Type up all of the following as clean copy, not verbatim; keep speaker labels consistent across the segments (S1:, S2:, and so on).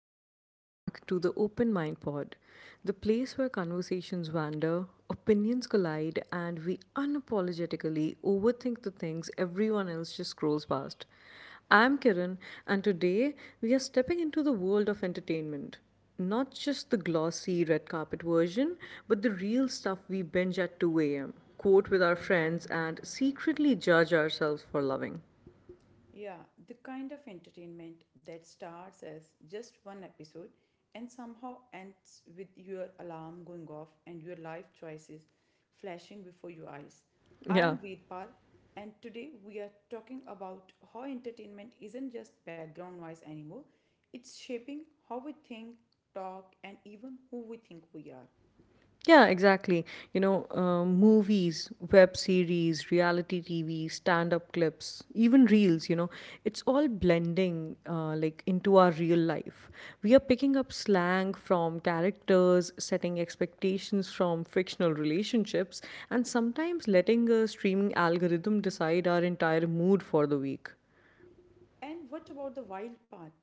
S1: and welcome back to the Open Mind Pod, the place where conversations wander, opinions collide, and we unapologetically overthink the things everyone else just scrolls past. I'm Kiran, and today we are stepping into the world of entertainment. Not just the glossy red carpet version, but the real stuff we binge at 2 a.m., quote with our friends, and secretly judge ourselves for loving.
S2: Yeah, the kind of entertainment that starts as just one episode and somehow ends with your alarm going off and your life choices flashing before your eyes. I
S1: Yeah.
S2: am Veerpal, and today we are talking about how entertainment isn't just background noise anymore, it's shaping how we think, talk, and even who we think we are.
S1: Yeah, exactly. Movies, web series, reality TV, stand up clips, even reels, it's all blending like into our real life. We are picking up slang from characters, setting expectations from fictional relationships, and sometimes letting a streaming algorithm decide our entire mood for the week.
S2: And what about the wild part?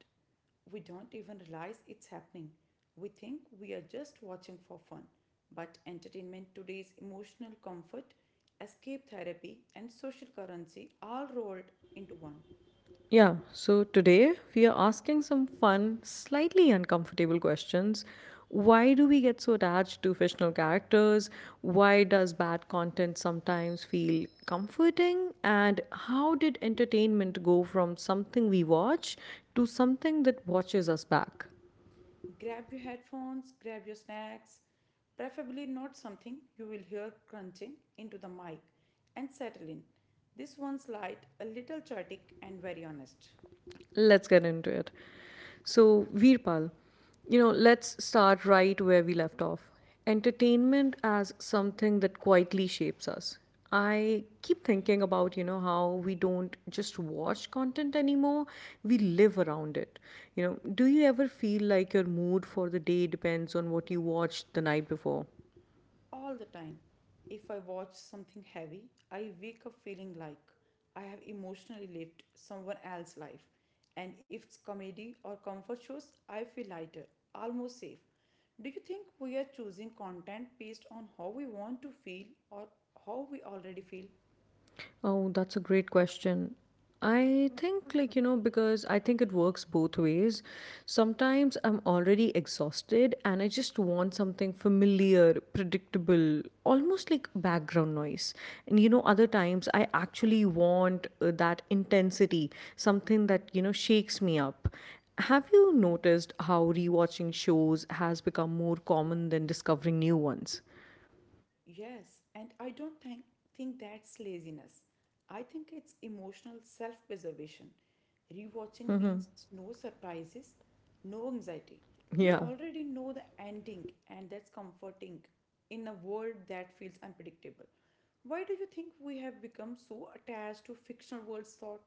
S2: We don't even realize it's happening. We think we are just watching for fun. But entertainment, today's emotional comfort, escape therapy, and social currency all rolled into one.
S1: Yeah, so today we are asking some fun, slightly uncomfortable questions. Why do we get so attached to fictional characters? Why does bad content sometimes feel comforting? And how did entertainment go from something we watch to something that watches us back?
S2: Grab your headphones, grab your snacks, preferably not something you will hear crunching into the mic, and settle in. This one's light, a little chaotic, and very honest.
S1: Let's get into it. So, Veerpal, let's start right where we left off. Entertainment as something that quietly shapes us. I keep thinking about, you know, how we don't just watch content anymore, we live around it. You know, do you ever feel like your mood for the day depends on what you watched the night before?
S2: All the time. If I watch something heavy, I wake up feeling like I have emotionally lived someone else's life. And if it's comedy or comfort shows, I feel lighter, almost safe. Do you think we are choosing content based on how we want to feel or how we already feel?
S1: Oh, that's a great question. I think, because I think it works both ways. Sometimes I'm already exhausted and I just want something familiar, predictable, almost like background noise. And, you know, other times I actually want that intensity, something that, you know, shakes me up. Have you noticed how rewatching shows has become more common than discovering new ones?
S2: Yes, and I don't think that's laziness. I think it's emotional self preservation. Rewatching
S1: Mm-hmm.
S2: means no surprises, no anxiety. You
S1: Yeah.
S2: already know the ending, and that's comforting in a world that feels unpredictable. Why do you think we have become so attached to fictional worlds, thought?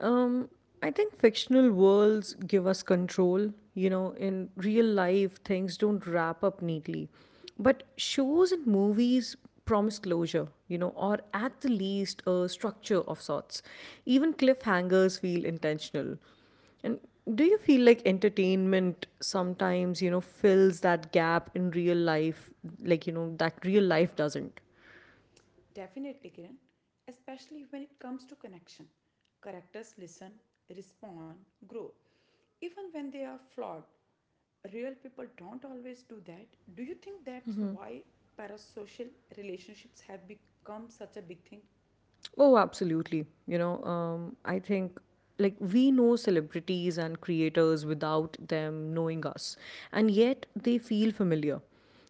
S1: Um, I think fictional worlds give us control. You know, in real life, things don't wrap up neatly. But shows and movies promise closure, you know, or at the least a structure of sorts. Even cliffhangers feel intentional. And do you feel like entertainment sometimes, you know, fills that gap in real life, like, you know, that real life doesn't?
S2: Definitely, Kiran, especially when it comes to connection. Characters listen, respond, grow. Even when they are flawed, real people don't always do that. Do you think that's why parasocial relationships have become such a big thing?
S1: Oh, absolutely. I think like we know celebrities and creators without them knowing us, and yet they feel familiar.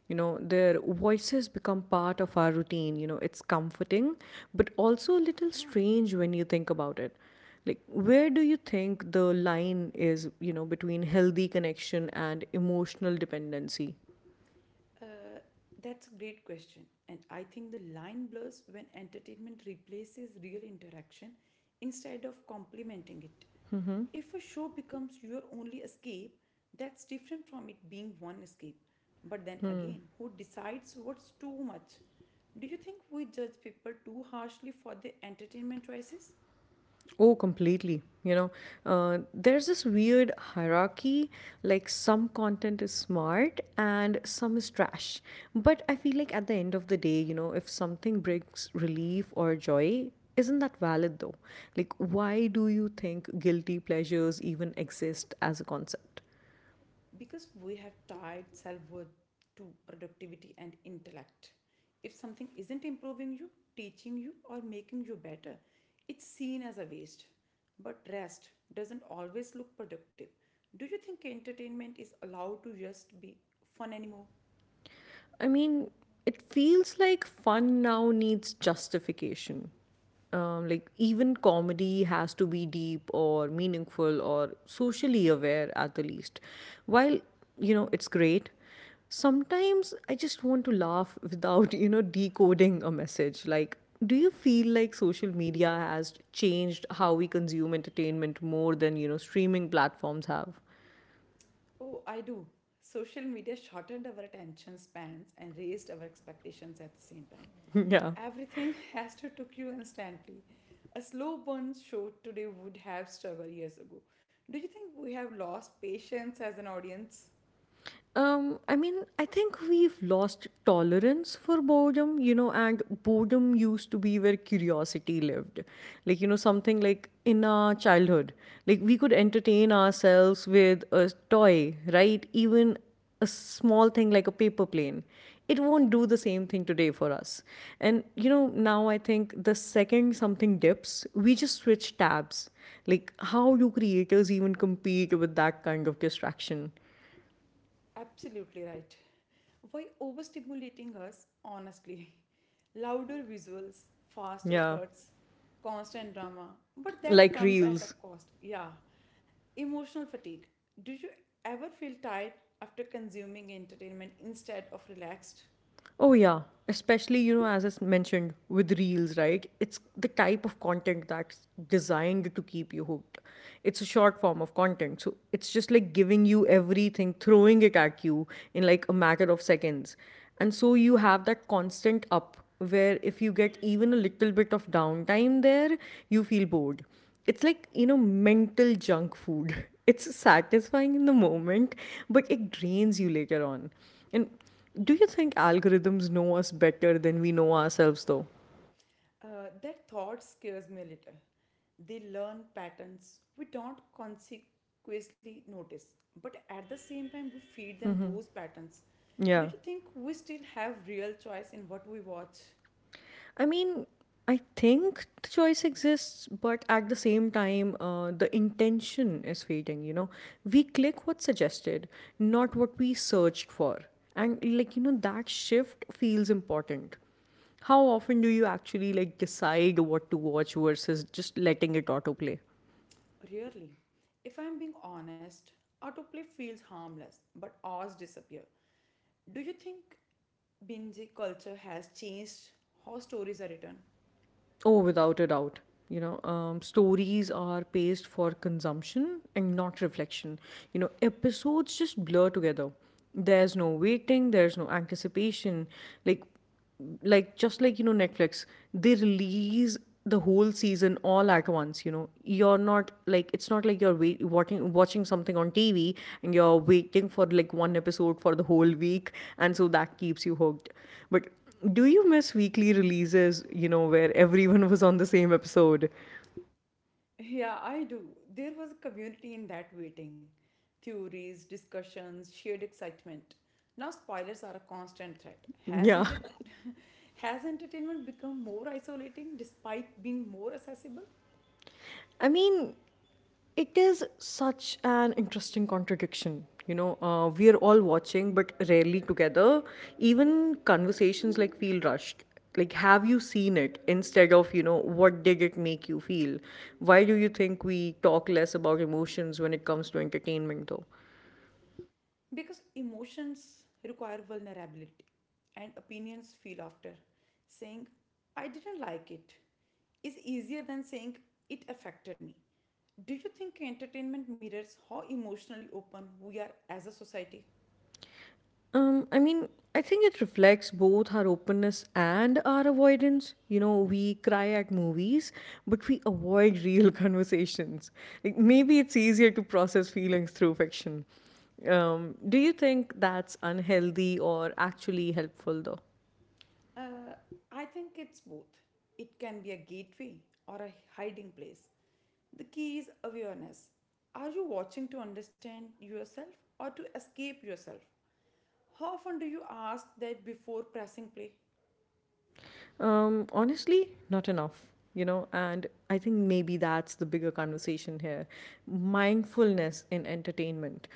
S1: You know, their voices become part of our routine. You know, it's comforting, but also a little strange when you think about it. Like, where do you think the line is, you know, between healthy connection and emotional dependency?
S2: Uh, that's a great question. And I think the line blurs when entertainment replaces real interaction instead of complementing it. If a show becomes your only escape, that's different from it being one escape. But then again, who decides what's too much? Do you think we judge people too harshly for their entertainment choices?
S1: Oh, completely. There's this weird hierarchy. Like, some content is smart and some is trash. But I feel like at the end of the day, you know, if something brings relief or joy, isn't that valid though? Like, why do you think guilty pleasures even exist as a concept?
S2: Because we have tied self worth to productivity and intellect. If something isn't improving you, teaching you, or making you better, it's seen as a waste. But rest doesn't always look productive. Do you think entertainment is allowed to just be fun anymore?
S1: I mean, it feels like fun now needs justification. Like, even comedy has to be deep or meaningful or socially aware at the least. While, you know, it's great, sometimes I just want to laugh without, you know, decoding a message. Like, do you feel like social media has changed how we consume entertainment more than, you know, streaming platforms have?
S2: Oh, I do. Social media shortened our attention spans and raised our expectations at the same time.
S1: Yeah.
S2: Everything has to took you instantly. A slow burn show today would have struggled years ago. Do you think we have lost patience as an audience?
S1: I mean, I think we've lost tolerance for boredom, you know, and boredom used to be where curiosity lived. Like, you know, something like in our childhood, like we could entertain ourselves with a toy, right? Even a small thing like a paper plane. It won't do the same thing today for us. And, you know, now I think the second something dips, we just switch tabs. Like, how do creators even compete with that kind of distraction?
S2: Absolutely right. Why overstimulating us, honestly? Louder visuals, faster
S1: Yeah.
S2: cuts, constant drama, but that
S1: Like
S2: comes at a
S1: reels.
S2: cost. Yeah. Emotional fatigue. Do you ever feel tired after consuming entertainment instead of relaxed?
S1: Oh, yeah. Especially, you know, as mentioned with reels, right? It's the type of content that's designed to keep you hooked. It's a short form of content. So it's just like giving you everything, throwing it at you in like a matter of seconds. And so you have that constant up where if you get even a little bit of downtime there, you feel bored. It's like, you know, mental junk food. It's satisfying in the moment, but it drains you later on. And do you think algorithms know us better than we know ourselves, though?
S2: That thought scares me a little. They learn patterns we don't consequently notice, but at the same time, we feed them those patterns. Do
S1: Yeah.
S2: you think we still have real choice in what we watch?
S1: I mean, I think the choice exists, but at the same time, the intention is fading, you know? We click what's suggested, not what we searched for. And, like, you know, that shift feels important. How often do you actually, like, decide what to watch versus just letting it autoplay?
S2: Really, if I'm being honest, autoplay feels harmless, but ours disappear. Do you think binge culture has changed how stories are written?
S1: Oh, without a doubt. Stories are paced for consumption and not reflection. You know, episodes just blur together. There's no waiting, there's no anticipation. Like, like just like, you know, Netflix, they release the whole season all at once. You know, you're not like it's not like you're watching something on TV and you're waiting for like one episode for the whole week, and so that keeps you hooked. But do you miss weekly releases, you know, where everyone was on the same episode?
S2: Yeah, I do. There was a community in that waiting. Theories, discussions, shared excitement. Now spoilers are a constant threat.
S1: Yeah.
S2: Hasn't it has entertainment become more isolating despite being more accessible?
S1: I mean, it is such an interesting contradiction. We are all watching, but rarely together. Even conversations like feel rushed. Like, have you seen it? Instead of, you know, what did it make you feel? Why do you think we talk less about emotions when it comes to entertainment, though?
S2: Because emotions require vulnerability and opinions feel after. Saying I didn't like it is easier than saying it affected me. Do you think entertainment mirrors how emotionally open we are as a society?
S1: I mean, I think it reflects both our openness and our avoidance. You know, we cry at movies, but we avoid real conversations. Like maybe it's easier to process feelings through fiction. Do you think that's unhealthy or actually helpful though?
S2: Uh, I think it's both. It can be a gateway or a hiding place. The key is awareness. Are you watching to understand yourself or to escape yourself? How often do you ask that before pressing play?
S1: Honestly, not enough, you know, and I think maybe that's the bigger conversation here, mindfulness in entertainment.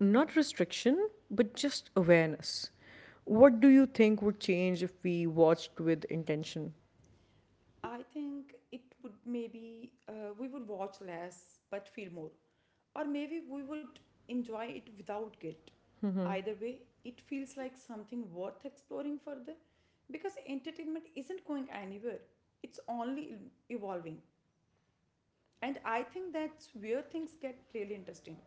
S1: Not restriction, but just awareness. What do you think would change if we watched with intention?
S2: I think it would maybe we would watch less but feel more, or maybe we would enjoy it without guilt. Either way, it feels like something worth exploring further because entertainment isn't going anywhere, it's only evolving. And I think that's where things get really interesting.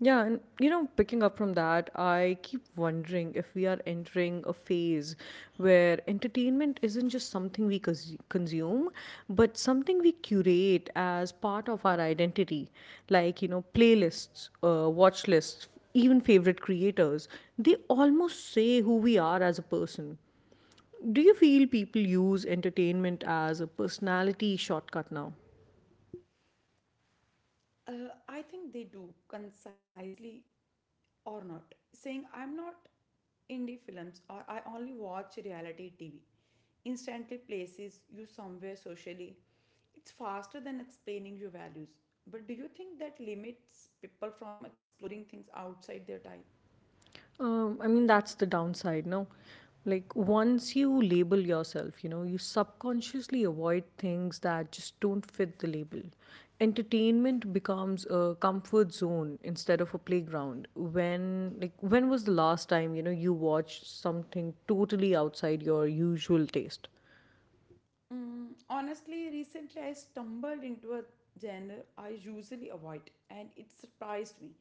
S1: Yeah, and you know, picking up from that, I keep wondering if we are entering a phase where entertainment isn't just something consume, but something we curate as part of our identity. Like, you know, playlists, watch lists, even favorite creators, they almost say who we are as a person. Do you feel people use entertainment as a personality shortcut now?
S2: I think they do concisely or not, saying I'm not indie films or I only watch reality TV, instantly places you somewhere socially. It's faster than explaining your values. But do you think that limits people from exploring things outside their type?
S1: I mean, that's the downside, no? Like, once you label yourself, you know, you subconsciously avoid things that just don't fit the label. Entertainment becomes a comfort zone instead of a playground. When, like, when was the last time, you know, you watched something totally outside your usual taste?
S2: Mm, honestly, recently I stumbled into a genre I usually avoid, and it surprised me.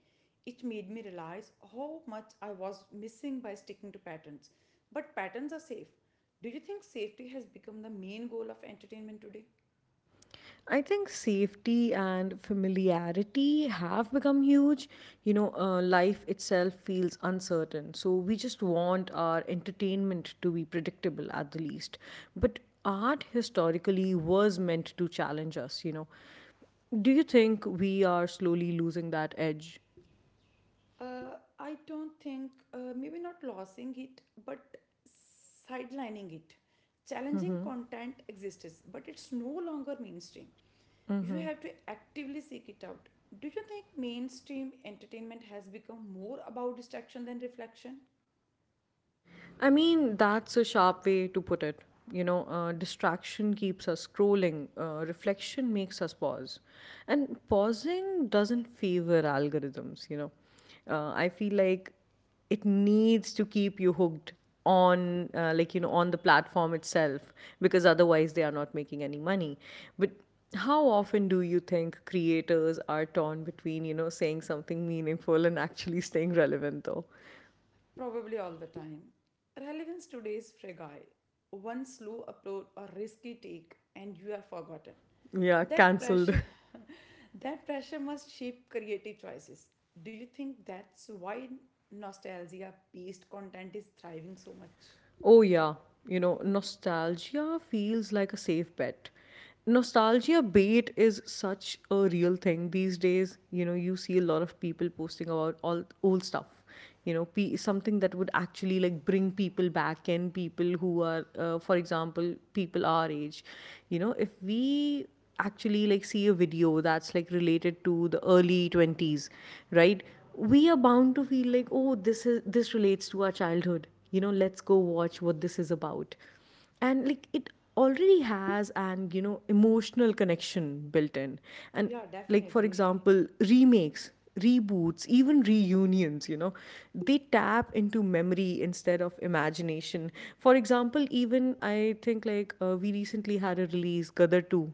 S2: It made me realize how much I was missing by sticking to patterns. But patterns are safe. Do you think safety has become the main goal of entertainment today?
S1: I think safety and familiarity have become huge. Life itself feels uncertain. So we just want our entertainment to be predictable at the least. But art historically was meant to challenge us, you know. Do you think we are slowly losing that edge?
S2: I don't think, maybe not losing it, but sidelining it. Challenging content exists, but it's no longer mainstream. You have to actively seek it out. Do you think mainstream entertainment has become more about distraction than reflection?
S1: I mean, that's a sharp way to put it. Distraction keeps us scrolling, reflection makes us pause. And pausing doesn't favor algorithms, you know. I feel like it needs to keep you hooked on, on the platform itself, because otherwise they are not making any money. But how often do you think creators are torn between, you know, saying something meaningful and actually staying relevant, though?
S2: Probably all the time. Relevance today is fragile. One slow upload or risky take, and you are forgotten.
S1: Yeah,
S2: That
S1: cancelled.
S2: pressure, that pressure must shape creative choices. Do you think that's why nostalgia-based content is thriving so much?
S1: Oh, yeah. You know, nostalgia feels like a safe bet. Nostalgia bait is such a real thing these days. You know, you see a lot of people posting about all old stuff. You know, something that would actually like bring people back in, people who are, for example, people our age. You know, if we actually like see a video that's like related to the early 20s, right? We are bound to feel like, oh, this is, this relates to our childhood, you know, let's go watch what this is about. And like it already has an, you know, emotional connection built in. And
S2: Yeah,
S1: like for
S2: definitely.
S1: example, remakes, reboots, even reunions, you know, they tap into memory instead of imagination. For example, even I think like, we recently had a release, Gadar 2,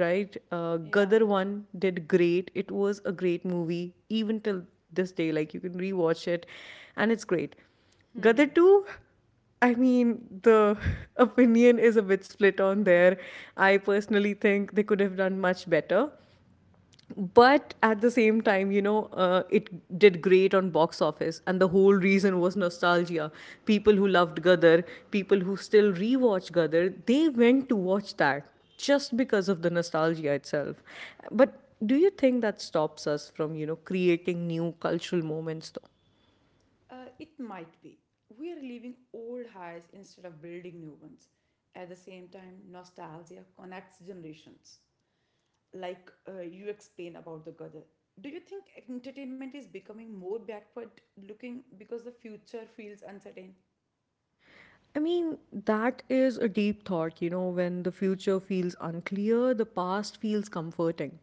S1: right?
S2: Yeah,
S1: Gadar 1 did great. It was a great movie, even till this day. Like, you can rewatch it, and it's great. Gadar 2, I mean, the opinion is a bit split on there. I personally think they could have done much better, but at the same time, you know, it did great on box office, and the whole reason was nostalgia. People who loved Gadar, people who still rewatch Gadar, they went to watch that just because of the nostalgia itself. But do you think that stops us from, you know, creating new cultural moments, though?
S2: it might be. We are leaving old highs instead of building new ones. At the same time, nostalgia connects generations. Like you explain about the Gadar. Do you think entertainment is becoming more backward looking because the future feels uncertain?
S1: I mean, that is a deep thought, you know, when the future feels unclear, the past feels comforting.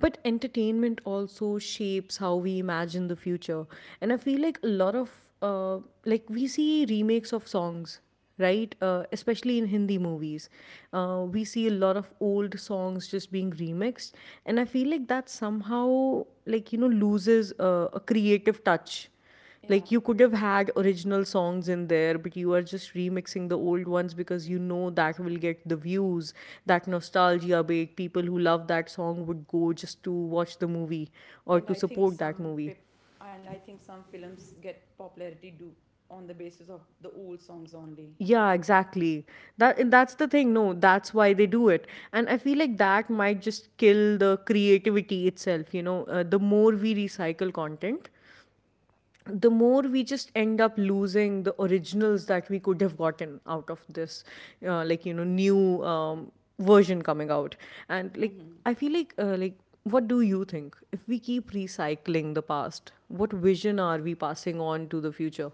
S1: But entertainment also shapes how we imagine the future. And I feel like a lot of, uh, like, we see remakes of songs, right? Especially in Hindi movies. We see a lot of old songs just being remixed. And I feel like that somehow, like, you know, loses a creative touch. Like,
S2: Yeah,
S1: you could have had original songs in there, but you are just remixing the old ones because you know that will get the views. That nostalgia bake, people who love that song would go just to watch the movie or
S2: and
S1: to
S2: I think
S1: support that
S2: some
S1: movie.
S2: pip- and I think some films get popularity due on the basis of the old songs only.
S1: Yeah, exactly. That, and that's the thing, no, that's why they do it. And I feel like that might just kill the creativity itself, you know. The more we recycle content, the more we just end up losing the originals that we could have gotten out of this. Like, you know, new version coming out. And like, I feel like like, what do you think? If we keep recycling the past, what vision are we passing on to the future?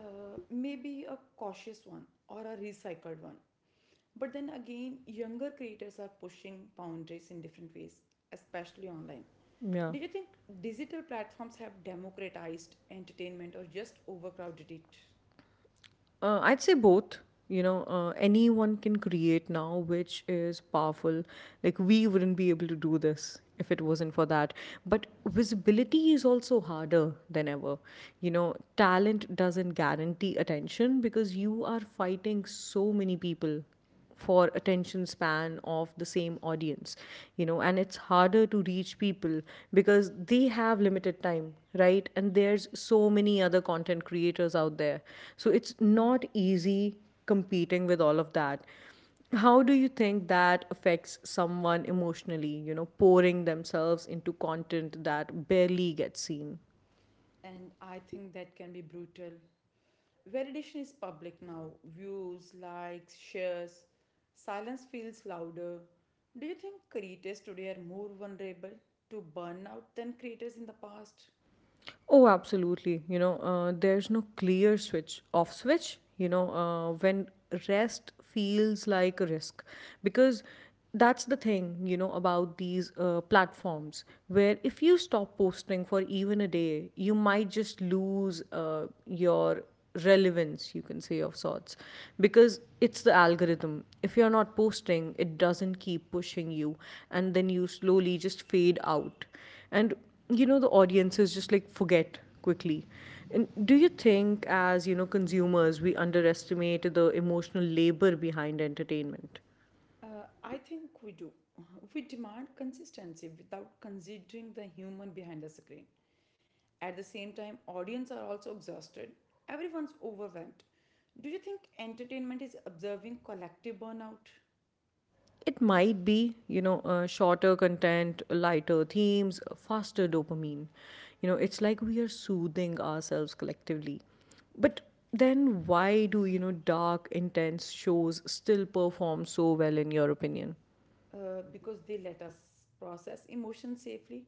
S2: Maybe a cautious one or a recycled one. But then again, younger creators are pushing boundaries in different ways, especially online.
S1: Yeah.
S2: Do you think digital platforms have democratized entertainment or just overcrowded it?
S1: I'd say both. You know, anyone can create now, which is powerful. Like, we wouldn't be able to do this if it wasn't for that. But visibility is also harder than ever. You know, talent doesn't guarantee attention, because you are fighting so many people for attention span of the same audience, you know, and it's harder to reach people because they have limited time, right? And there's so many other content creators out there, so it's not easy competing with all of that. How do you think that affects someone emotionally, you know, pouring themselves into content that barely gets seen?
S2: And I think that can be brutal. Validation is public now views, likes, shares. Silence feels louder. Do you think creators today are more vulnerable to burnout than creators in the past?
S1: Oh, absolutely. You know, there's no clear switch off switch, you know, when rest feels like a risk. Because that's the thing, you know, about these platforms, where if you stop posting for even a day, you might just lose your relevance, you can say, of sorts. Because it's the algorithm. If you're not posting, it doesn't keep pushing you. And then you slowly just fade out. And you know, the audiences just like forget quickly. And do you think, as you know, consumers, we underestimate the emotional labor behind entertainment?
S2: Uh, I think we do. We demand consistency without considering the human behind the screen. At the same time, audience are also exhausted. Everyone's overwhelmed. Do you think entertainment is observing collective burnout
S1: It might be, you know, shorter content, lighter themes, faster dopamine. You know, it's like we are soothing ourselves collectively. But then why do you know dark intense shows still perform so well, in your opinion?
S2: because they let us process emotions safely?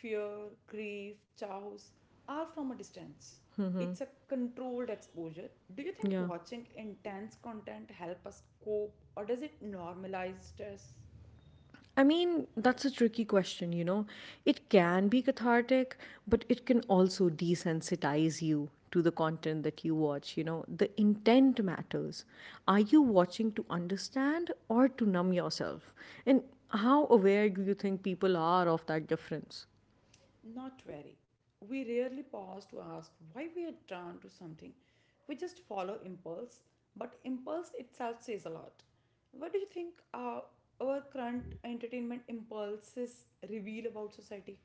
S2: Fear, grief, chows are from a distance. It's a controlled exposure. Do you think
S1: Yeah.
S2: watching intense content help us cope or does it normalize stress?
S1: I mean, that's a tricky question, you know. It can be cathartic, but it can also desensitize you to the content that you watch, you know. The intent matters. Are you watching to understand or to numb yourself? And how aware do you think people are of that difference?
S2: Not very. We rarely pause to ask why we are drawn to something. We just follow impulse, but impulse itself says a lot. What do you think our current entertainment impulses reveal about society?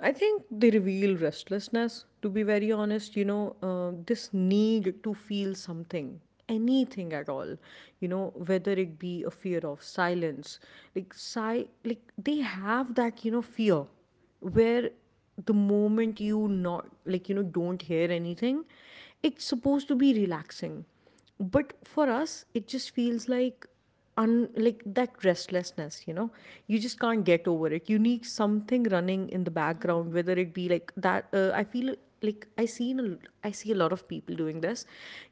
S1: I think they reveal restlessness, to be very honest, you know, this need to feel something, anything at all, you know, whether it be a fear of silence, like, like they have that, you know, fear where the moment you not, like, you know, don't hear anything, it's supposed to be relaxing, but for us it just feels like un, like that restlessness, you know, you just can't get over it. You need something running in the background,
S2: Hmm.
S1: whether it be like that. I feel like I see a lot of people doing this,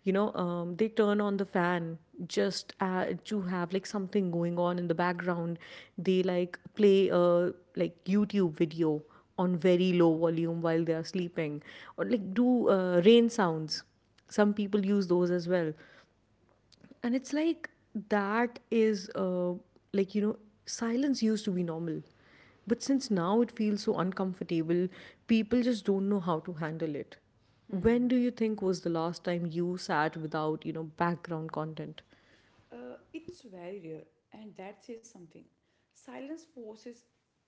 S1: you know. They turn on the fan just to have like something going on in the background. They like play a, like, YouTube video on very low volume while they are sleeping, or like do rain sounds. Some people use those as well. And it's like, that is like, you know, silence used to be normal, but since now it feels so uncomfortable, people just don't know how to handle it. When do you think was the last time you sat without, you know, background content?
S2: It's very rare, and that says something. Silence forces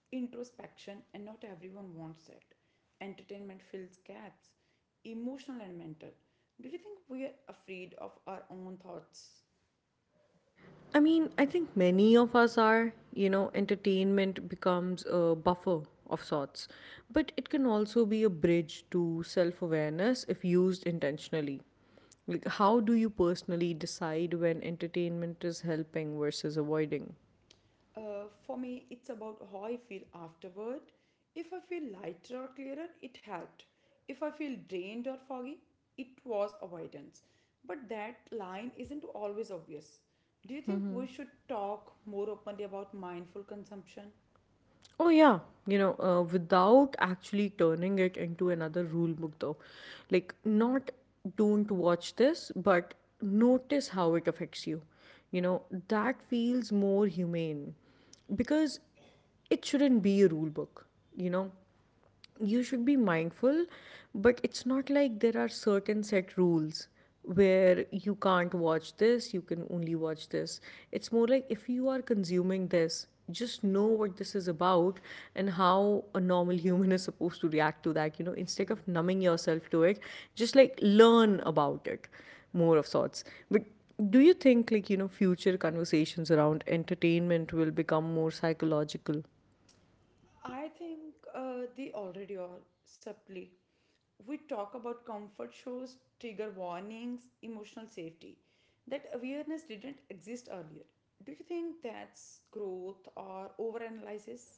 S2: introspection, and not everyone wants that. Entertainment fills gaps, emotional and mental. Do you think we are afraid of our own thoughts?
S1: I mean, I think many of us are, you know. Entertainment becomes a buffer of sorts, but it can also be a bridge to self awareness if used intentionally. Like, how do you personally decide when entertainment is helping versus avoiding?
S2: For me, it's about how I feel afterward. If I feel lighter or clearer, it helped. If I feel drained or foggy, it was avoidance. But that line isn't always obvious. Do you think we should talk more openly about mindful consumption?
S1: Oh, yeah. You know, without actually turning it into another rule book, though. Like, not don't watch this, but notice how it affects you. You know, that feels more humane, because it shouldn't be a rule book, you know? You should be mindful, but it's not like there are certain set rules where you can't watch this, you can only watch this. It's more like, if you are consuming this, just know what this is about and how a normal human is supposed to react to that. You know, instead of numbing yourself to it, just like learn about it more, of sorts. But do you think like, you know, future conversations around entertainment will become more psychological?
S2: I think they already are subtly. We talk about comfort shows, trigger warnings, emotional safety. That awareness didn't exist earlier. Do you think that's growth or overanalysis?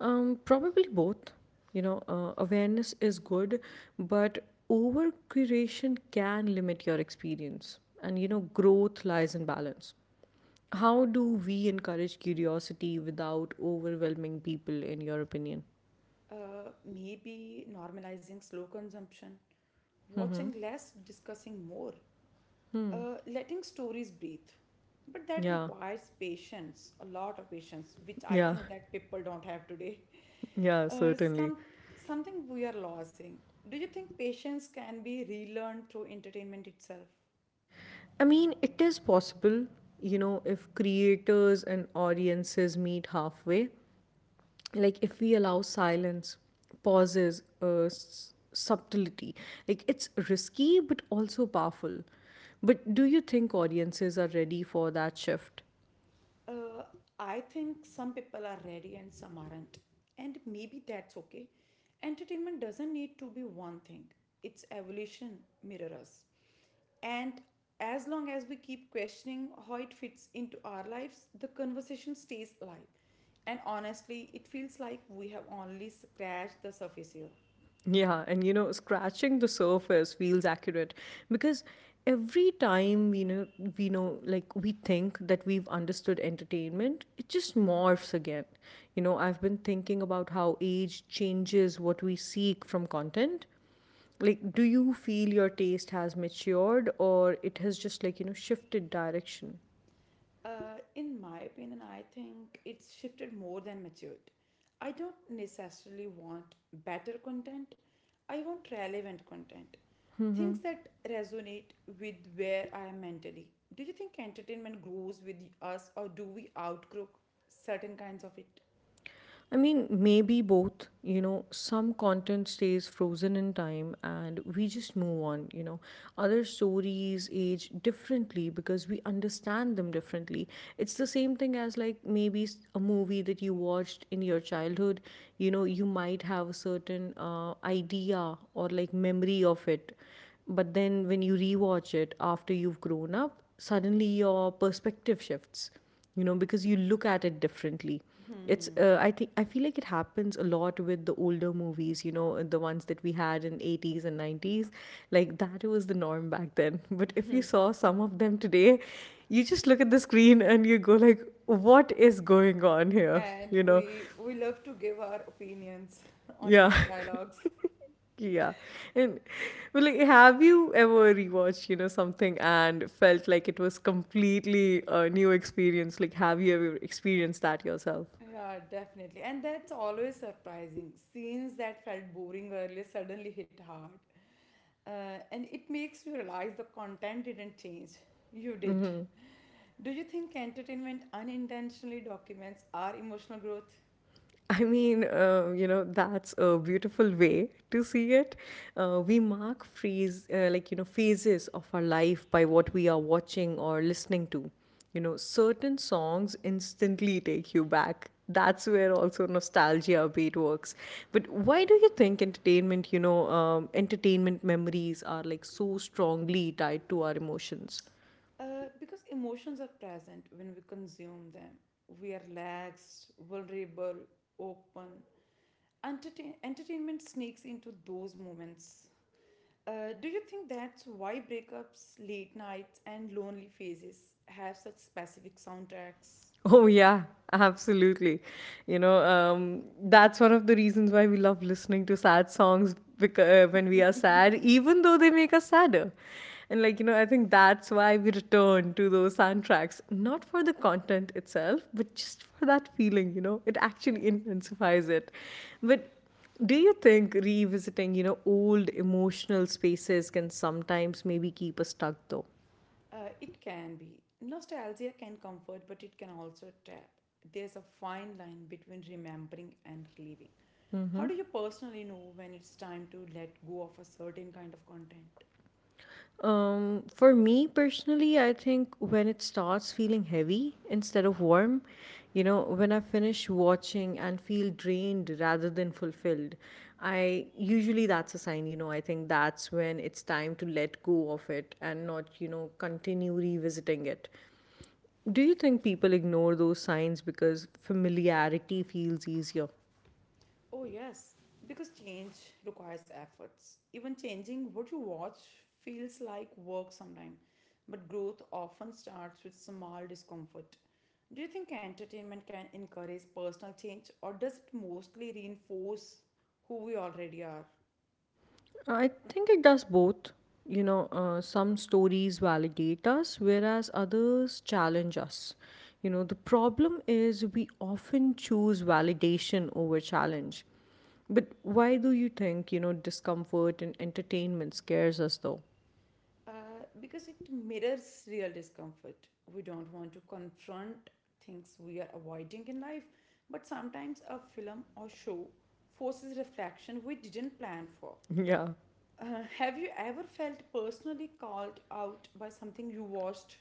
S1: Probably both. You know, awareness is good, but over curation can limit your experience. And, you know, growth lies in balance. How do we encourage curiosity without overwhelming people, in your opinion?
S2: Maybe normalizing slow consumption,
S1: Mm-hmm.
S2: watching less, discussing more,
S1: Hmm.
S2: letting stories breathe. But that
S1: Yeah,
S2: requires patience, a lot of patience, which I
S1: yeah,
S2: think that people don't have today.
S1: yeah,
S2: Uh,
S1: certainly.
S2: some something we are losing. Do you think patience can be relearned through entertainment itself?
S1: I mean, it is possible, you know, if creators and audiences meet halfway. Like if we allow silence, pauses, subtlety. Like, it's risky but also powerful. But do you think audiences are ready for that shift?
S2: Uh, I think some people are ready and some aren't. And maybe that's okay. Entertainment doesn't need to be one thing, its evolution mirrors. And as long as we keep questioning how it fits into our lives, the conversation stays alive. And honestly, it feels like we have only scratched the surface here.
S1: Yeah, and you know, scratching the surface feels accurate, because every time we know, like, we think that we've understood entertainment, it just morphs again. You know, I've been thinking about how age changes what we seek from content. Like, do you feel your taste has matured, or it has just, like, you know, shifted direction?
S2: In my opinion, I think it's shifted more than matured. I don't necessarily want better content, I want relevant content. Things that resonate with where I am mentally. Do you think entertainment grows with us, or do we outgrow certain kinds of it?
S1: I mean, maybe both. You know, some content stays frozen in time and we just move on. You know, other stories age differently because we understand them differently. It's the same thing as like maybe a movie that you watched in your childhood. You know, you might have a certain idea or like memory of it. But then when you rewatch it after you've grown up, suddenly your perspective shifts, you know, because you look at it differently. It's I think, I feel like it happens a lot with the older movies, you know, the ones that we had in 80s and 90s. Like that was the norm back then. But if you saw some of them today, you just look at the screen and you go like, "What is going on here?"
S2: And
S1: You know?
S2: we love to give our opinions on
S1: Yeah.
S2: each dialogues.
S1: Yeah. And well, like, have you ever rewatched, you know, something and felt like it was completely a new experience? Like, have you ever experienced that yourself?
S2: Yeah, definitely. And that's always surprising. Scenes that felt boring earlier suddenly hit hard. And it makes you realize the content didn't change. You did. Do you think entertainment unintentionally documents our emotional growth?
S1: I mean, you know, that's a beautiful way to see it. We mark phase, like, you know, phases of our life by what we are watching or listening to. You know, certain songs instantly take you back. That's where also nostalgia beat works. But why do you think entertainment, you know, entertainment memories are like so strongly tied to our emotions?
S2: Because emotions are present when we consume them. We are relaxed, vulnerable, open. Entertainment sneaks into those moments. Do you think that's why breakups, late nights, and lonely phases have such specific soundtracks?
S1: Oh, yeah, absolutely. You know, that's one of the reasons why we love listening to sad songs, because when we are sad, even though they make us sadder. And, like, you know, I think that's why we return to those soundtracks, not for the content itself, but just for that feeling, you know, it
S2: Yeah.
S1: actually intensifies it. But do you think revisiting, you know, old emotional spaces can sometimes maybe keep us stuck though?
S2: It can be. Nostalgia can comfort, but it can also trap. There's a fine line between remembering and reliving. How
S1: Mm-hmm.
S2: do you personally know when it's time to let go of a certain kind of content?
S1: For me personally, I think when it starts feeling heavy instead of warm, you know, when I finish watching and feel drained rather than fulfilled, I usually, that's a sign, you know. I think that's when it's time to let go of it and not, you know, continue revisiting it. Do you think people ignore those signs because familiarity feels easier?
S2: Oh, yes, because change requires efforts. Even changing what you watch feels like work sometimes, but growth often starts with small discomfort. Do you think entertainment can encourage personal change, or does it mostly reinforce who we already are?
S1: I think it does both. You know, some stories validate us, whereas others challenge us. You know, the problem is we often choose validation over challenge. But why do you think, you know, discomfort and entertainment scares us though?
S2: Because it mirrors real discomfort. We don't want to confront things we are avoiding in life, but sometimes a film or show forces reflection we didn't plan for.
S1: Yeah.
S2: Have you ever felt personally called out by something you watched?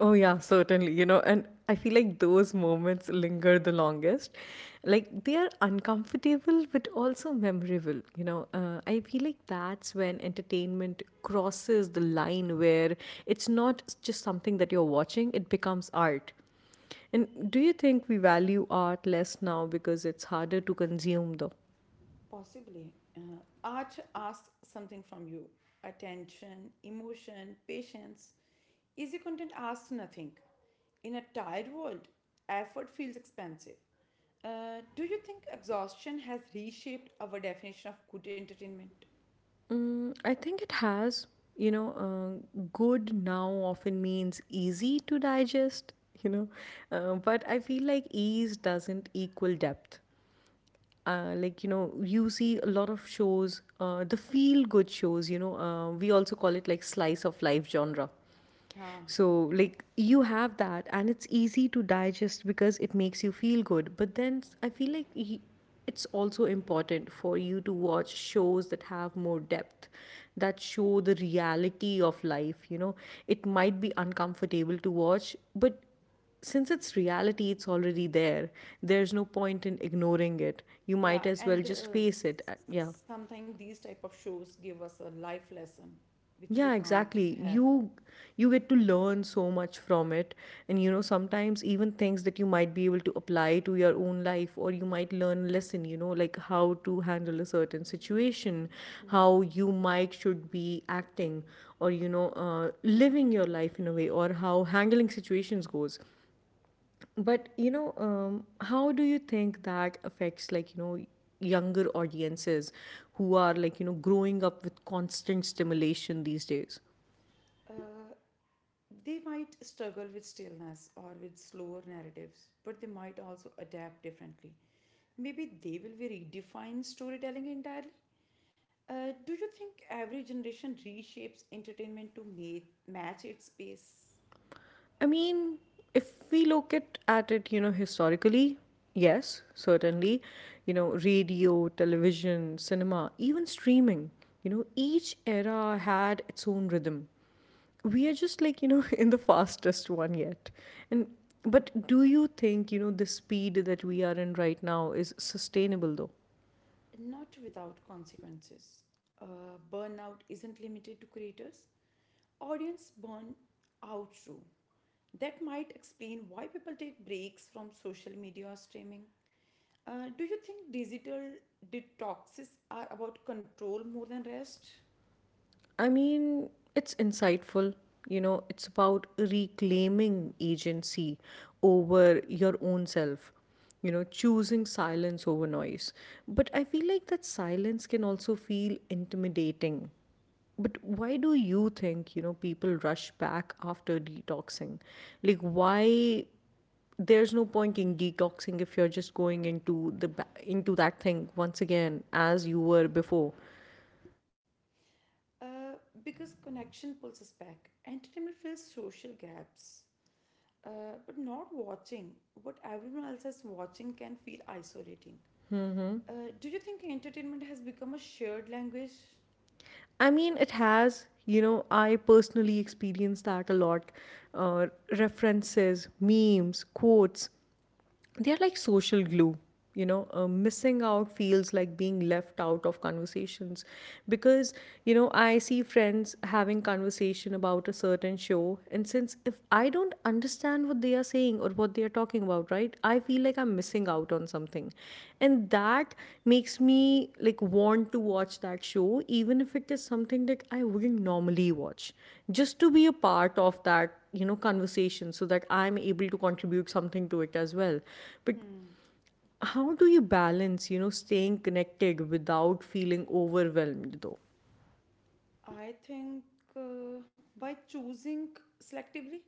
S1: Oh, yeah, certainly. You know, and I feel like those moments linger the longest. Like they are uncomfortable, but also memorable. You know, I feel like that's when entertainment crosses the line where it's not just something that you're watching, it becomes art. And do you think we value art less now because it's harder to consume, though?
S2: Possibly. Art asks something from you attention, emotion, patience. Easy content asks nothing. In a tired world, effort feels expensive. Do you think exhaustion has reshaped our definition of good entertainment?
S1: Mm, I think it has. You know, good now often means easy to digest, you know, but I feel like ease doesn't equal depth. You see a lot of shows, the feel good shows, we also call it like slice of life genre.
S2: Ah,
S1: So like you have that, and it's easy to digest because it makes you feel good. But then I feel like it's also important for you to watch shows that have more depth, that show the reality of life. You know, it might be uncomfortable to watch, but since it's reality, it's already there. There's no point in ignoring it. You
S2: yeah,
S1: might as well
S2: and
S1: just face it. Yeah.
S2: sometimes these type of shows give us a life lesson which we
S1: Yeah,
S2: can't
S1: exactly.
S2: have.
S1: You get to learn so much from it. And you know, sometimes even things that you might be able to apply to your own life, or you might learn a lesson, you know, like how to handle a certain situation, how you might should be acting, or living your life in a way, or how handling situations goes. But you know, how do you think that affects, like, younger audiences who are, like, growing up with constant stimulation these days?
S2: Uh, they might struggle with stillness or with slower narratives, but they might also adapt differently. Maybe they will redefine storytelling entirely. Do you think every generation reshapes entertainment to make, match its pace?
S1: I mean, if we look at it, you know, historically, yes, certainly, you know, radio, television, cinema, even streaming, you know, each era had its own rhythm. We are just like, in the fastest one yet. And but do you think, you know, the speed that we are in right now is sustainable though?
S2: Not without consequences. Burnout isn't limited to creators, audience burn out too. That might explain why people take breaks from social media or streaming. Do you think digital detoxes are about control more than rest?
S1: I mean, it's insightful. You know, it's about reclaiming agency over your own self, you know, choosing silence over noise. But I feel like that silence can also feel intimidating. But why do you think, you know, people rush back after detoxing? Like, why? There's no point in detoxing if you're just going into the into that thing once again as you were before.
S2: Uh, because connection pulls us back. Entertainment fills social gaps. But not watching what everyone else is watching can feel isolating.
S1: Mm-hmm.
S2: Do you think entertainment has become a shared language?
S1: I mean, it has. You know, I personally experience that a lot. Uh, References, memes, quotes, they're like social glue. You know, missing out feels like being left out of conversations, because you know, I see friends having conversation about a certain show, and since, if I don't understand what they are saying or what they are talking about, right, I feel like I'm missing out on something. And that makes me like want to watch that show, even if it is something that I wouldn't normally watch, just to be a part of that, you know, conversation, so that I'm able to contribute something to it as well. But how do you balance, you know, staying connected without feeling overwhelmed though?
S2: I think uh, by choosing selectively,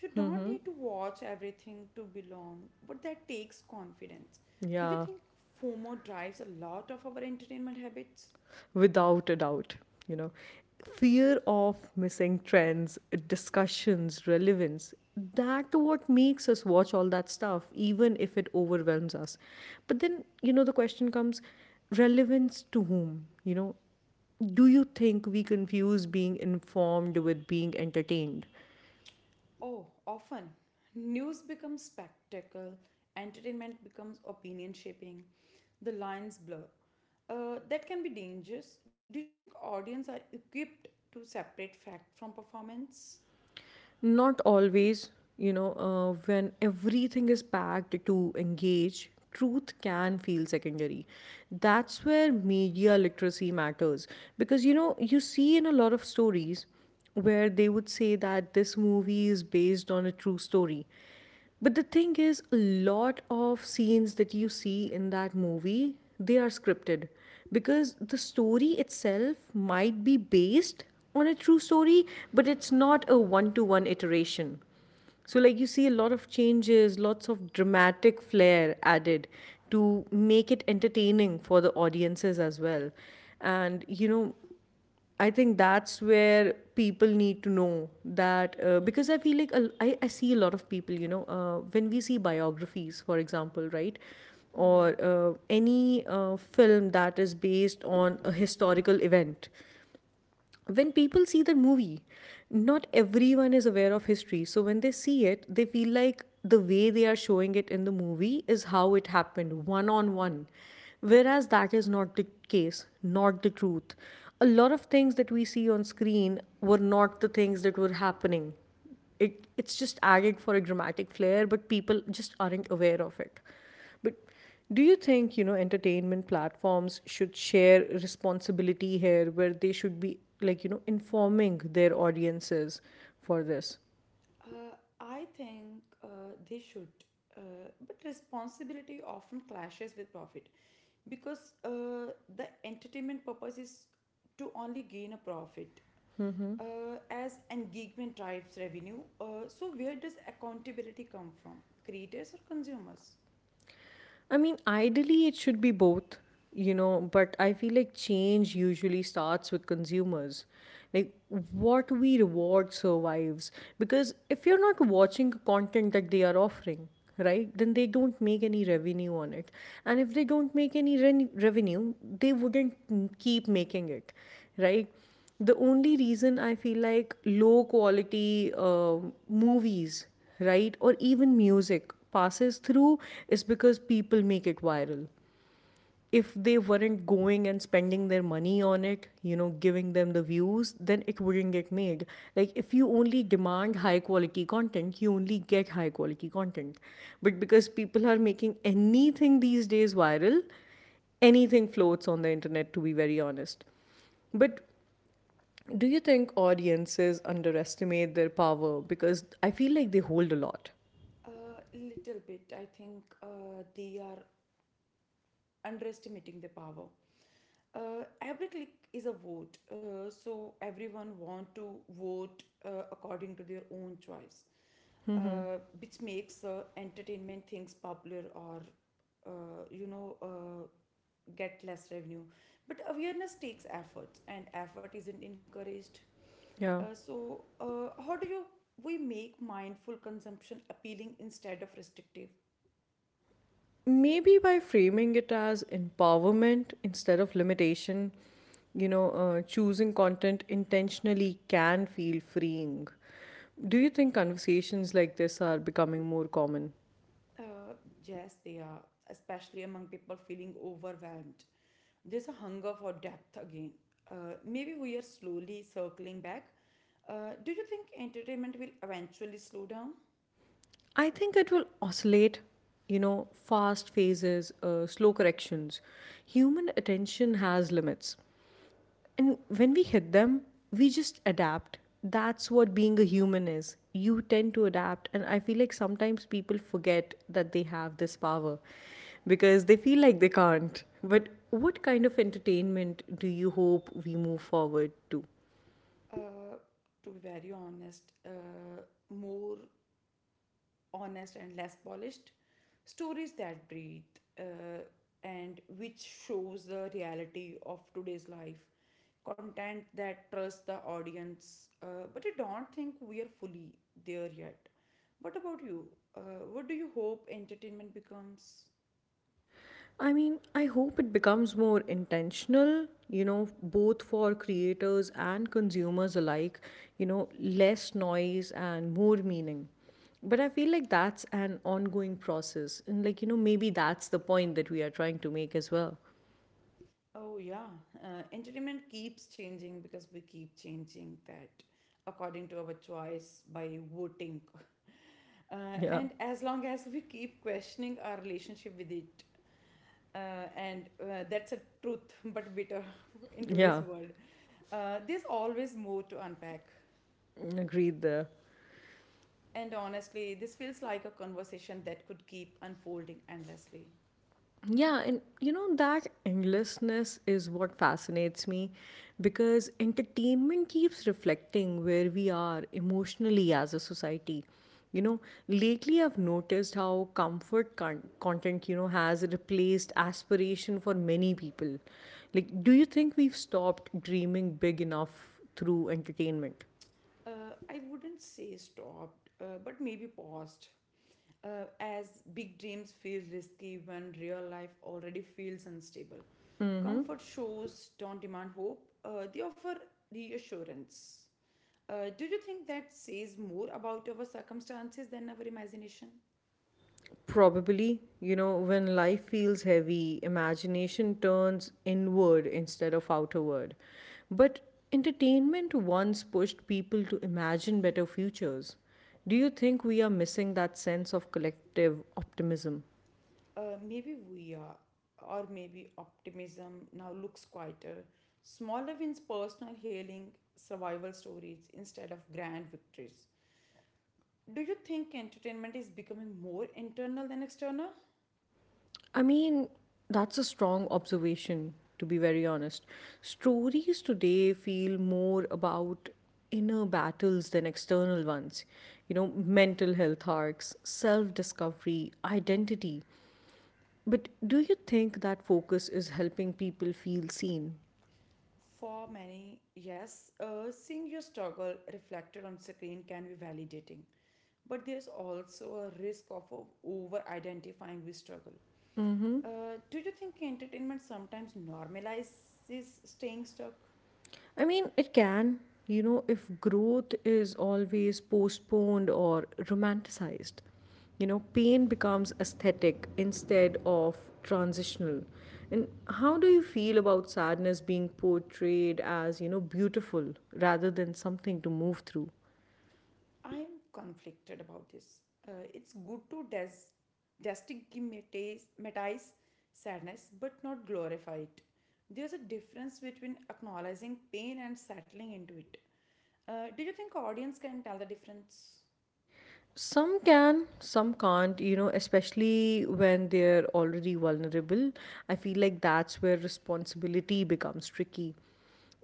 S2: you don't
S1: Mm-hmm.
S2: need to watch everything to belong, but that takes confidence. Do you
S1: Yeah.
S2: think FOMO drives a lot of our entertainment habits?
S1: Without a doubt, you know, fear of missing trends, discussions, relevance, that what makes us watch all that stuff even if it overwhelms us. But then, you know, the question comes, relevance to whom, you know? Do you think we confuse being informed with being entertained?
S2: Oh, often. News becomes spectacle, entertainment becomes opinion shaping, the lines blur. That can be dangerous. Do you think audience are equipped to separate fact from performance?
S1: Not always, you know. When everything is packed to engage, truth can feel secondary. That's where media literacy matters. Because, you know, you see in a lot of stories where they would say that this movie is based on a true story. But the thing is, a lot of scenes that you see in that movie, they are scripted, because the story itself might be based on a true story, but it's not a one to one iteration. So, like, you see a lot of changes, lots of dramatic flair added to make it entertaining for the audiences as well. And, you know, I think that's where people need to know that, because I feel like I see a lot of people, you know, when we see biographies, for example, right? Or any film that is based on a historical event, when people see the movie, not everyone is aware of history. So when they see it, they feel like the way they are showing it in the movie is how it happened, one on one. Whereas that is not the case, not the truth. A lot of things that we see on screen were not the things that were happening. It's just added for a dramatic flair, but people just aren't aware of it. But do you think, you know, entertainment platforms should share responsibility here, where they should be like, you know, informing their audiences for this?
S2: Uh, I think they should, uh, but responsibility often clashes with profit because the entertainment purpose is to only gain a profit as engagement drives revenue. So, where does accountability come from? Creators or consumers?
S1: I mean, ideally, it should be both, you know, but I feel like change usually starts with consumers. Like, what we reward survives. Because if you're not watching content that they are offering, right, then they don't make any revenue on it. And if they don't make any revenue, they wouldn't keep making it, right? The only reason I feel like low quality movies, right, or even music passes through is because people make it viral. If they weren't going and spending their money on it, you know, giving them the views, then it wouldn't get made. Like, if you only demand high quality content, you only get high quality content. But because people are making anything these days viral, anything floats on the internet, to be very honest. But do you think audiences underestimate their power? Because I feel like they hold a lot.
S2: A little bit, I think they are underestimating the power. Uh, every click is a vote so everyone want to vote according to their own choice which makes entertainment things popular or uh, you know uh, get less revenue but awareness takes effort and effort isn't encouraged
S1: Yeah.
S2: so how do you we make mindful consumption appealing instead of restrictive?
S1: Maybe by framing it as empowerment instead of limitation, you know. Choosing content intentionally can feel freeing. Do you think conversations like this are becoming more common?
S2: Uh, yes, they are, especially among people feeling overwhelmed. There's a hunger for depth again. Maybe we are slowly circling back. Do you think entertainment will eventually slow down?
S1: I think it will oscillate, you know, fast phases, slow corrections. Human attention has limits. And when we hit them, we just adapt. That's what being a human is. You tend to adapt. And I feel like sometimes people forget that they have this power, because they feel like they can't. But what kind of entertainment do you hope we move forward to?
S2: Uh, to be very honest, more honest and less polished stories that breathe and which shows the reality of today's life content that trusts the audience but I don't think we are fully there yet. What about you? uh, what do you hope entertainment becomes?
S1: I mean, I hope it becomes more intentional, you know, both for creators and consumers alike, you know, less noise and more meaning. But I feel like that's an ongoing process. And, like, you know, maybe that's the point that we are trying to make as well.
S2: Oh, yeah. Entertainment keeps changing because we keep changing that according to our choice by voting.
S1: Yeah.
S2: And as long as we keep questioning our relationship with it, and that's a truth but bitter in today's
S1: Yeah.
S2: world, there's always more to unpack.
S1: Agreed there.
S2: And honestly, this feels like a conversation that could keep unfolding endlessly.
S1: Yeah, and you know, that endlessness is what fascinates me, because entertainment keeps reflecting where we are emotionally as a society. You know, lately I've noticed how comfort content, you know, has replaced aspiration for many people. Like, do you think we've stopped dreaming big enough through entertainment?
S2: I wouldn't say stopped, but maybe paused as big dreams feel risky when real life already feels unstable. Comfort shows don't demand hope, they offer reassurance. Do you think that says more about our circumstances than our imagination?
S1: Probably, you know, when life feels heavy, imagination turns inward instead of outward. But entertainment once pushed people to imagine better futures. Do you think we are missing that sense of collective optimism?
S2: Maybe we are, or maybe optimism now looks quieter. Smaller wins personal healing, survival stories instead of grand victories. Do you think entertainment is becoming more internal than external?
S1: I mean, that's a strong observation, to be very honest. Stories today feel more about inner battles than external ones. You know, mental health arcs, self discovery, identity. But do you think that focus is helping people feel seen?
S2: For many, yes, seeing your struggle reflected on screen can be validating, but there's also a risk of over identifying with struggle. Do you think entertainment sometimes normalizes staying stuck?
S1: I mean, it can, you know, if growth is always postponed or romanticized. You know, pain becomes aesthetic instead of transitional. And how do you feel about sadness being portrayed as, you know, beautiful rather than something to move through?
S2: I'm conflicted about this. It's good to destigmatize sadness, but not glorify it. There's a difference between acknowledging pain and settling into it. Do you think audience can tell the difference?
S1: Some can, some can't, you know, especially when they're already vulnerable. I feel like that's where responsibility becomes tricky.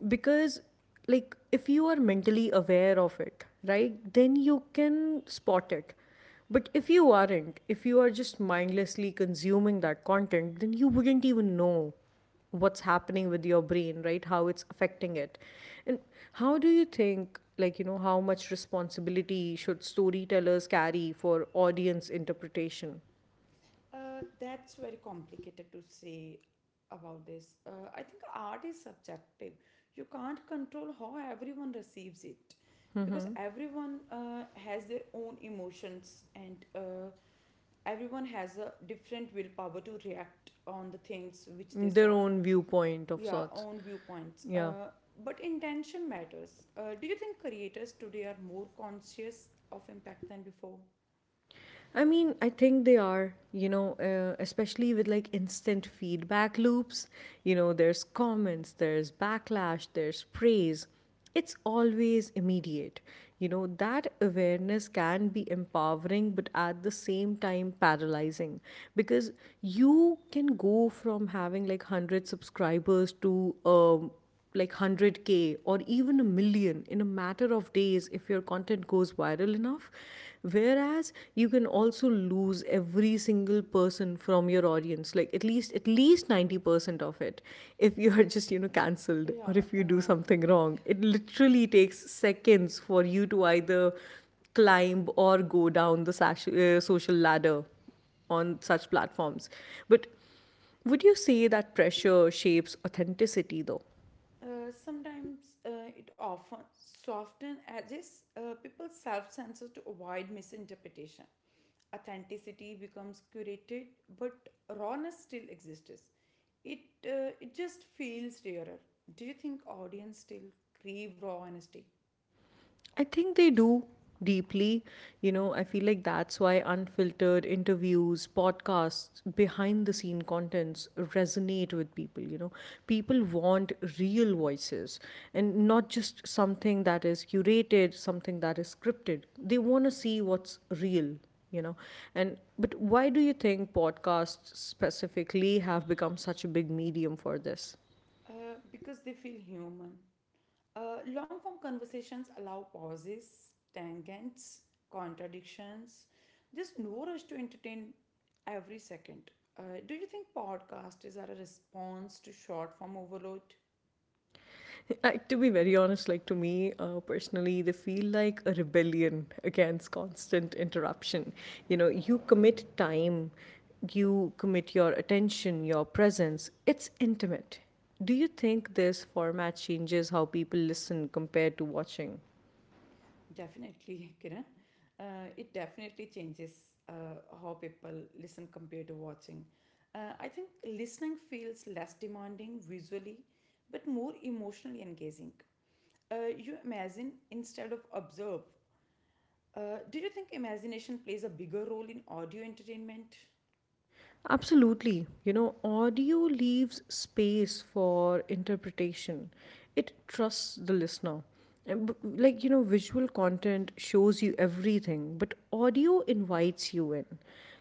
S1: Because, like, if you are mentally aware of it, right, then you can spot it. But if you aren't, if you are just mindlessly consuming that content, then you wouldn't even know what's happening with your brain, right, how it's affecting it. And how do you think, like, you know, how much responsibility should storytellers carry for audience interpretation,
S2: That's very complicated to say about this. I think art is subjective. You can't control how everyone receives it because everyone has their own emotions and everyone has a different willpower to react on the things which they
S1: their
S2: saw.
S1: own viewpoint of
S2: Yeah,
S1: sorts?
S2: own viewpoints.
S1: Yeah.
S2: But intention matters. Do you think creators today are more conscious of impact than before?
S1: I mean, I think they are, you know, especially with like instant feedback loops. You know, there's comments, there's backlash, there's praise. It's always immediate. You know, that awareness can be empowering, but at the same time paralyzing, because you can go from having like 100 subscribers to, like 100k or even a million in a matter of days if your content goes viral enough. Whereas you can also lose every single person from your audience, like at least 90% of it, if you are just, you know, cancelled, or
S2: Yeah,
S1: if you do something wrong, it literally takes seconds for you to either climb or go down the social ladder on such platforms. But would you say that pressure shapes authenticity though?
S2: Sometimes it often softens edges, people self-censor to avoid misinterpretation. Authenticity becomes curated, but rawness still exists. it it just feels rarer. Do you think audience still crave raw honesty?
S1: I think they do, deeply. You know, I feel like that's why unfiltered interviews, podcasts, behind the scene contents resonate with people. You know, people want real voices and not just something that is curated, something that is scripted. They want to see what's real, you know. And but why do you think podcasts specifically have become such a big medium for this?
S2: Uh, because they feel human. Long form conversations allow pauses, tangents, contradictions. There's no rush to entertain every second. Do you think podcasts are a response to short form overload?
S1: Like, to be very honest, like to me, personally, they feel like a rebellion against constant interruption. You know, you commit time, you commit your attention, your presence. It's intimate. Do you think this format changes how people listen compared to watching?
S2: Definitely, Kiran. It definitely changes how people listen compared to watching. I think listening feels less demanding visually, but more emotionally engaging. You imagine instead of observe. Do you think imagination plays a bigger role in audio entertainment?
S1: Absolutely. You know, audio leaves space for interpretation. It trusts the listener. And like, you know, visual content shows you everything, but audio invites you in.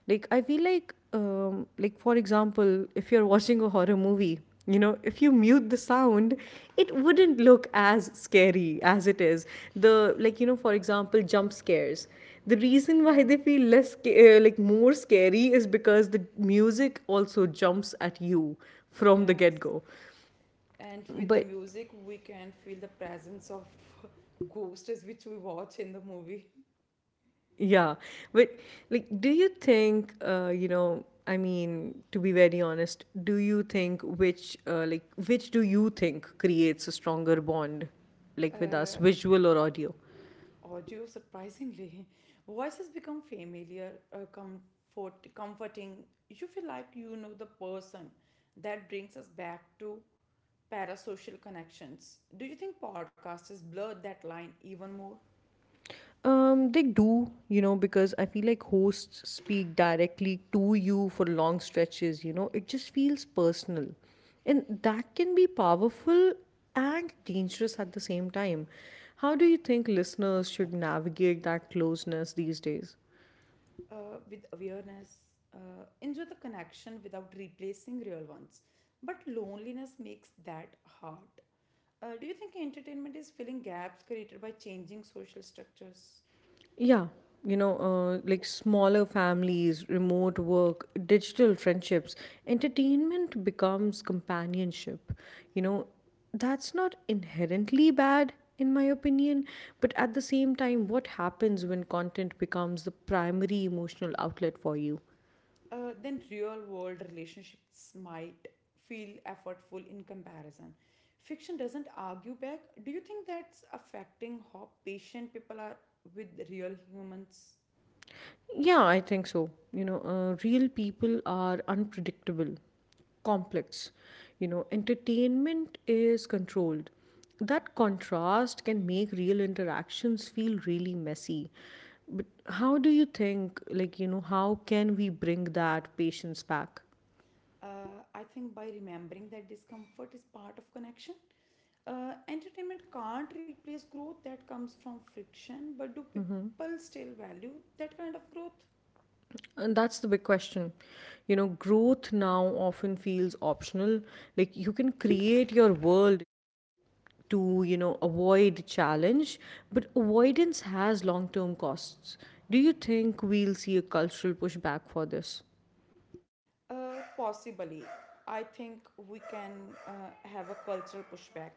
S1: Like, I feel like for example, if you're watching a horror movie, you know, if you mute the sound, it wouldn't look as scary as it is. The, for example, jump scares, the reason why
S2: Mm.
S1: they feel less sca- like more scary is because the music also jumps at you from the get
S2: Yes.
S1: go,
S2: And with the
S1: but
S2: music, we can feel the presence of ghosts which we watch in the movie.
S1: yeah. But like, do you think, to be very honest, do you think which, which do you think creates a stronger bond, like with
S2: Uh,
S1: us, visual or audio?
S2: Audio, surprisingly, voices become familiar, comforting. You feel like you know the person. That brings us back to parasocial connections. Do you think podcasters blur that line even more?
S1: They do, you know, because I feel like hosts speak directly to you for long stretches, you know, it just feels personal. And that can be powerful and dangerous at the same time. How do you think listeners should navigate that closeness these days?
S2: With awareness, enjoy the connection without replacing real ones. But loneliness makes that hard. Do you think entertainment is filling gaps created by changing social structures?
S1: Yeah, you know, like smaller families, remote work, digital friendships, entertainment becomes companionship. You know, that's not inherently bad, in my opinion, but at the same time, what happens when content becomes the primary emotional outlet for you?
S2: Then real world relationships might feel effortful in comparison. Fiction doesn't argue back. Do you think that's affecting how patient people are with real humans?
S1: Yeah, I think so. You know, real people are unpredictable, complex. You know, entertainment is controlled. That contrast can make real interactions feel really messy. But how do you think, like, you know, how can we bring that patience back?
S2: I think by remembering that discomfort is part of connection, entertainment can't replace growth that comes from friction, but do people still value that kind of growth?
S1: And that's the big question. You know, growth now often feels optional. Like, you can create your world to, you know, avoid challenge, but avoidance has long term costs. Do you think we'll see a cultural pushback for this?
S2: Possibly. I think we can uh, have a cultural pushback.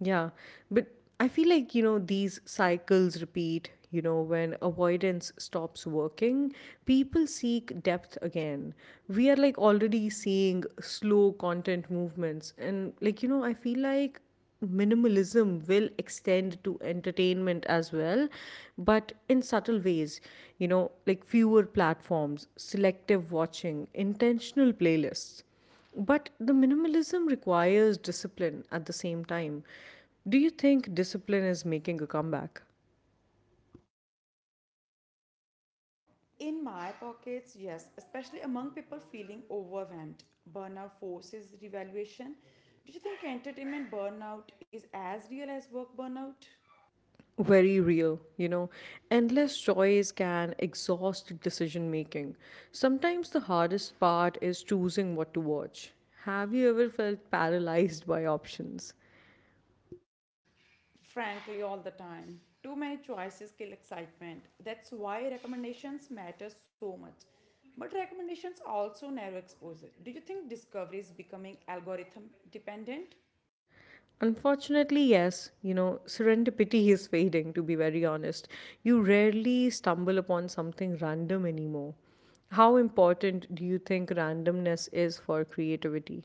S1: Yeah, but I feel like, you know, these cycles repeat. You know, when avoidance stops working, people seek depth again. We are like already seeing slow content movements. And like, you know, I feel like minimalism will extend to entertainment as well, but in subtle ways. You know, like fewer platforms, selective watching, intentional playlists. But the minimalism requires discipline at the same time. Do you think discipline is making a comeback?
S2: In my pockets, yes, especially among people feeling overwhelmed. Burnout forces revaluation. Do you think entertainment burnout is as real as work burnout?
S1: Very real, you know. Endless choice can exhaust decision making. Sometimes the hardest part is choosing what to watch. Have you ever felt paralyzed by options?
S2: Frankly all the time. Too many choices kill excitement. That's why recommendations matter so much. But recommendations also narrow exposure. Do you think discovery is becoming algorithm dependent?
S1: Unfortunately, yes, you know, serendipity is fading, to be very honest. You rarely stumble upon something random anymore. How important do you think randomness is for creativity?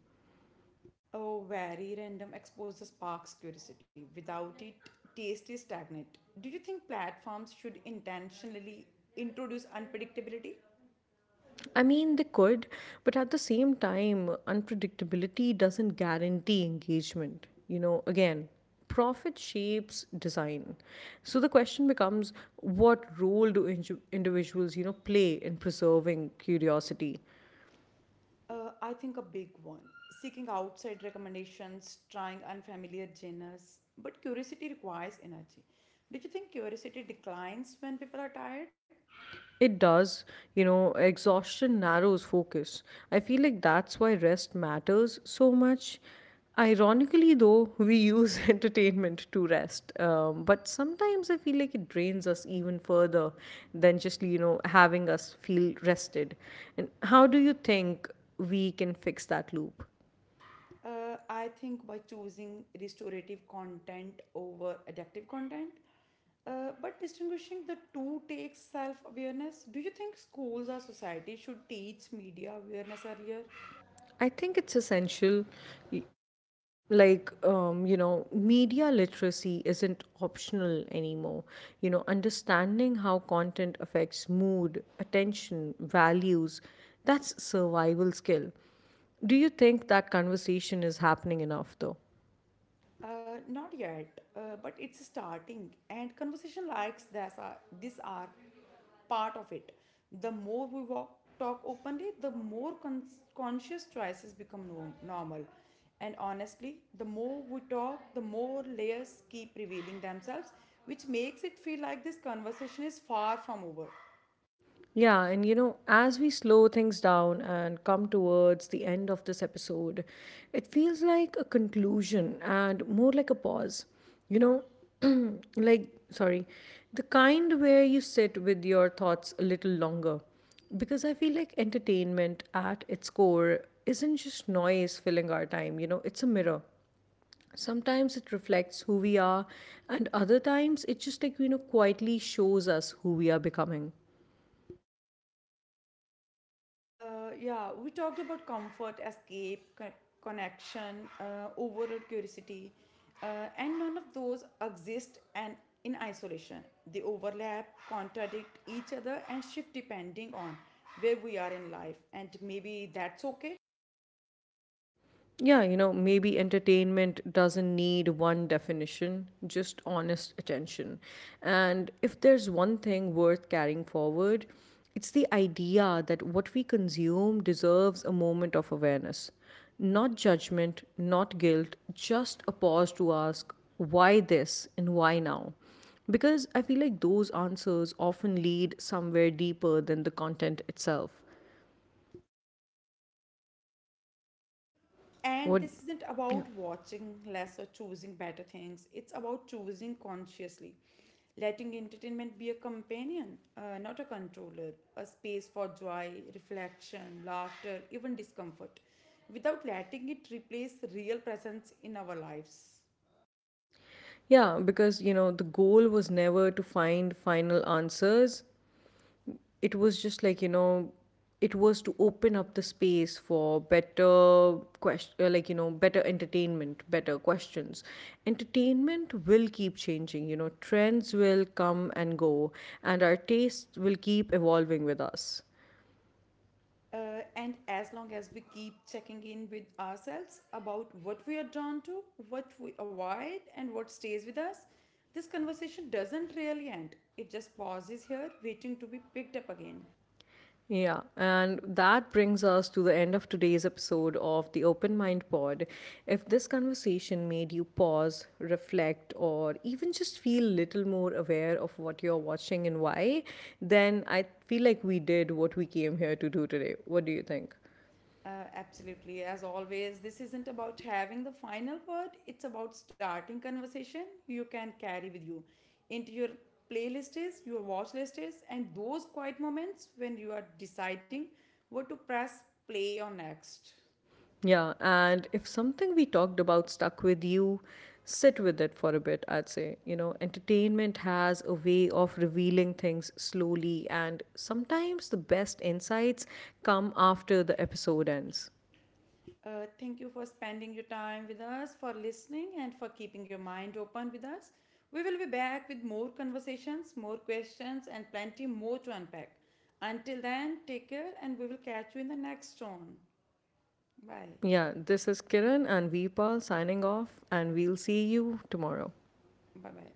S2: Oh, very random exposure sparks curiosity. Without it, taste is stagnant. Do you think platforms should intentionally introduce unpredictability?
S1: I mean, they could, but at the same time, unpredictability doesn't guarantee engagement. You know, again, profit shapes design. So the question becomes, what role do individuals, you know, play in preserving curiosity?
S2: I think a big one. Seeking outside recommendations, trying unfamiliar genres. But curiosity requires energy. Do you think curiosity declines when people are tired?
S1: It does. You know, exhaustion narrows focus. I feel like that's why rest matters so much. Ironically, though, we use entertainment to rest. But sometimes I feel like it drains us even further than just, you know, having us feel rested. And how do you think we can fix that loop?
S2: I think by choosing restorative content over addictive content. But distinguishing the two takes self awareness. Do you think schools or society should teach media awareness earlier?
S1: I think it's essential. Like, you know, media literacy isn't optional anymore. You know, understanding how content affects mood, attention, values, that's survival skill. Do you think that conversation is happening enough though?
S2: Not yet, but it's starting. And conversation likes this are part of it. The more we walk, talk openly, the more conscious choices become normal. And honestly, the more we talk, the more layers keep revealing themselves, which makes it feel like this conversation is far from over.
S1: Yeah, and you know, as we slow things down and come towards the end of this episode, it feels like a conclusion and more like a pause. You know, like, sorry, the kind where you sit with your thoughts a little longer. Because I feel like entertainment at its core isn't just noise filling our time, you know, it's a mirror. Sometimes it reflects who we are, and other times it just like, you know, quietly shows us who we are becoming.
S2: Yeah, we talked about comfort, escape, connection, overall curiosity, and none of those exist and in isolation. They overlap, contradict each other, and shift depending on where we are in life. And maybe that's okay.
S1: Yeah, you know, maybe entertainment doesn't need one definition, just honest attention. And if there's one thing worth carrying forward, it's the idea that what we consume deserves a moment of awareness. Not judgment, not guilt, just a pause to ask, why this and why now? Because I feel like those answers often lead somewhere deeper than the content itself.
S2: And
S1: What?
S2: this isn't
S1: Yeah.
S2: about watching less or choosing better things, it's about choosing consciously. Letting entertainment be a companion, not a controller, a space for joy, reflection, laughter, even discomfort, without letting it replace real presence in our lives.
S1: Yeah, because you know, the goal was never to find final answers. It was just like, you know, it was to open up the space for better question, like you know, better entertainment, better questions. Entertainment will keep changing, you know, trends will come and go, and our tastes will keep evolving with us.
S2: And as long as we keep checking in with ourselves about what we are drawn to, what we avoid, and what stays with us, this conversation doesn't really end. It just pauses here, waiting to be picked up again.
S1: Yeah, and that brings us to the end of today's episode of the Open Mind Pod. If this conversation made you pause, reflect, or even just feel little more aware of what you're watching and why, then I feel like we did what we came here to do today. What do you think?
S2: Absolutely. As always, this isn't about having the final word, it's about starting conversation you can carry with you into your playlists, your watch lists, and those quiet moments when you are deciding what to press play on next.
S1: Yeah, and if something we talked about stuck with you, sit with it for a bit, I'd say. You know, entertainment has a way of revealing things slowly, and sometimes the best insights come after the episode ends.
S2: Thank you for spending your time with us, for listening, and for keeping your mind open with us. We will be back with more conversations, more questions, and plenty more to unpack. Until then, take care, and we will catch you in the next one. Bye.
S1: Yeah, this is Kiran and Veepal signing off, and we'll see you tomorrow.
S2: Bye bye.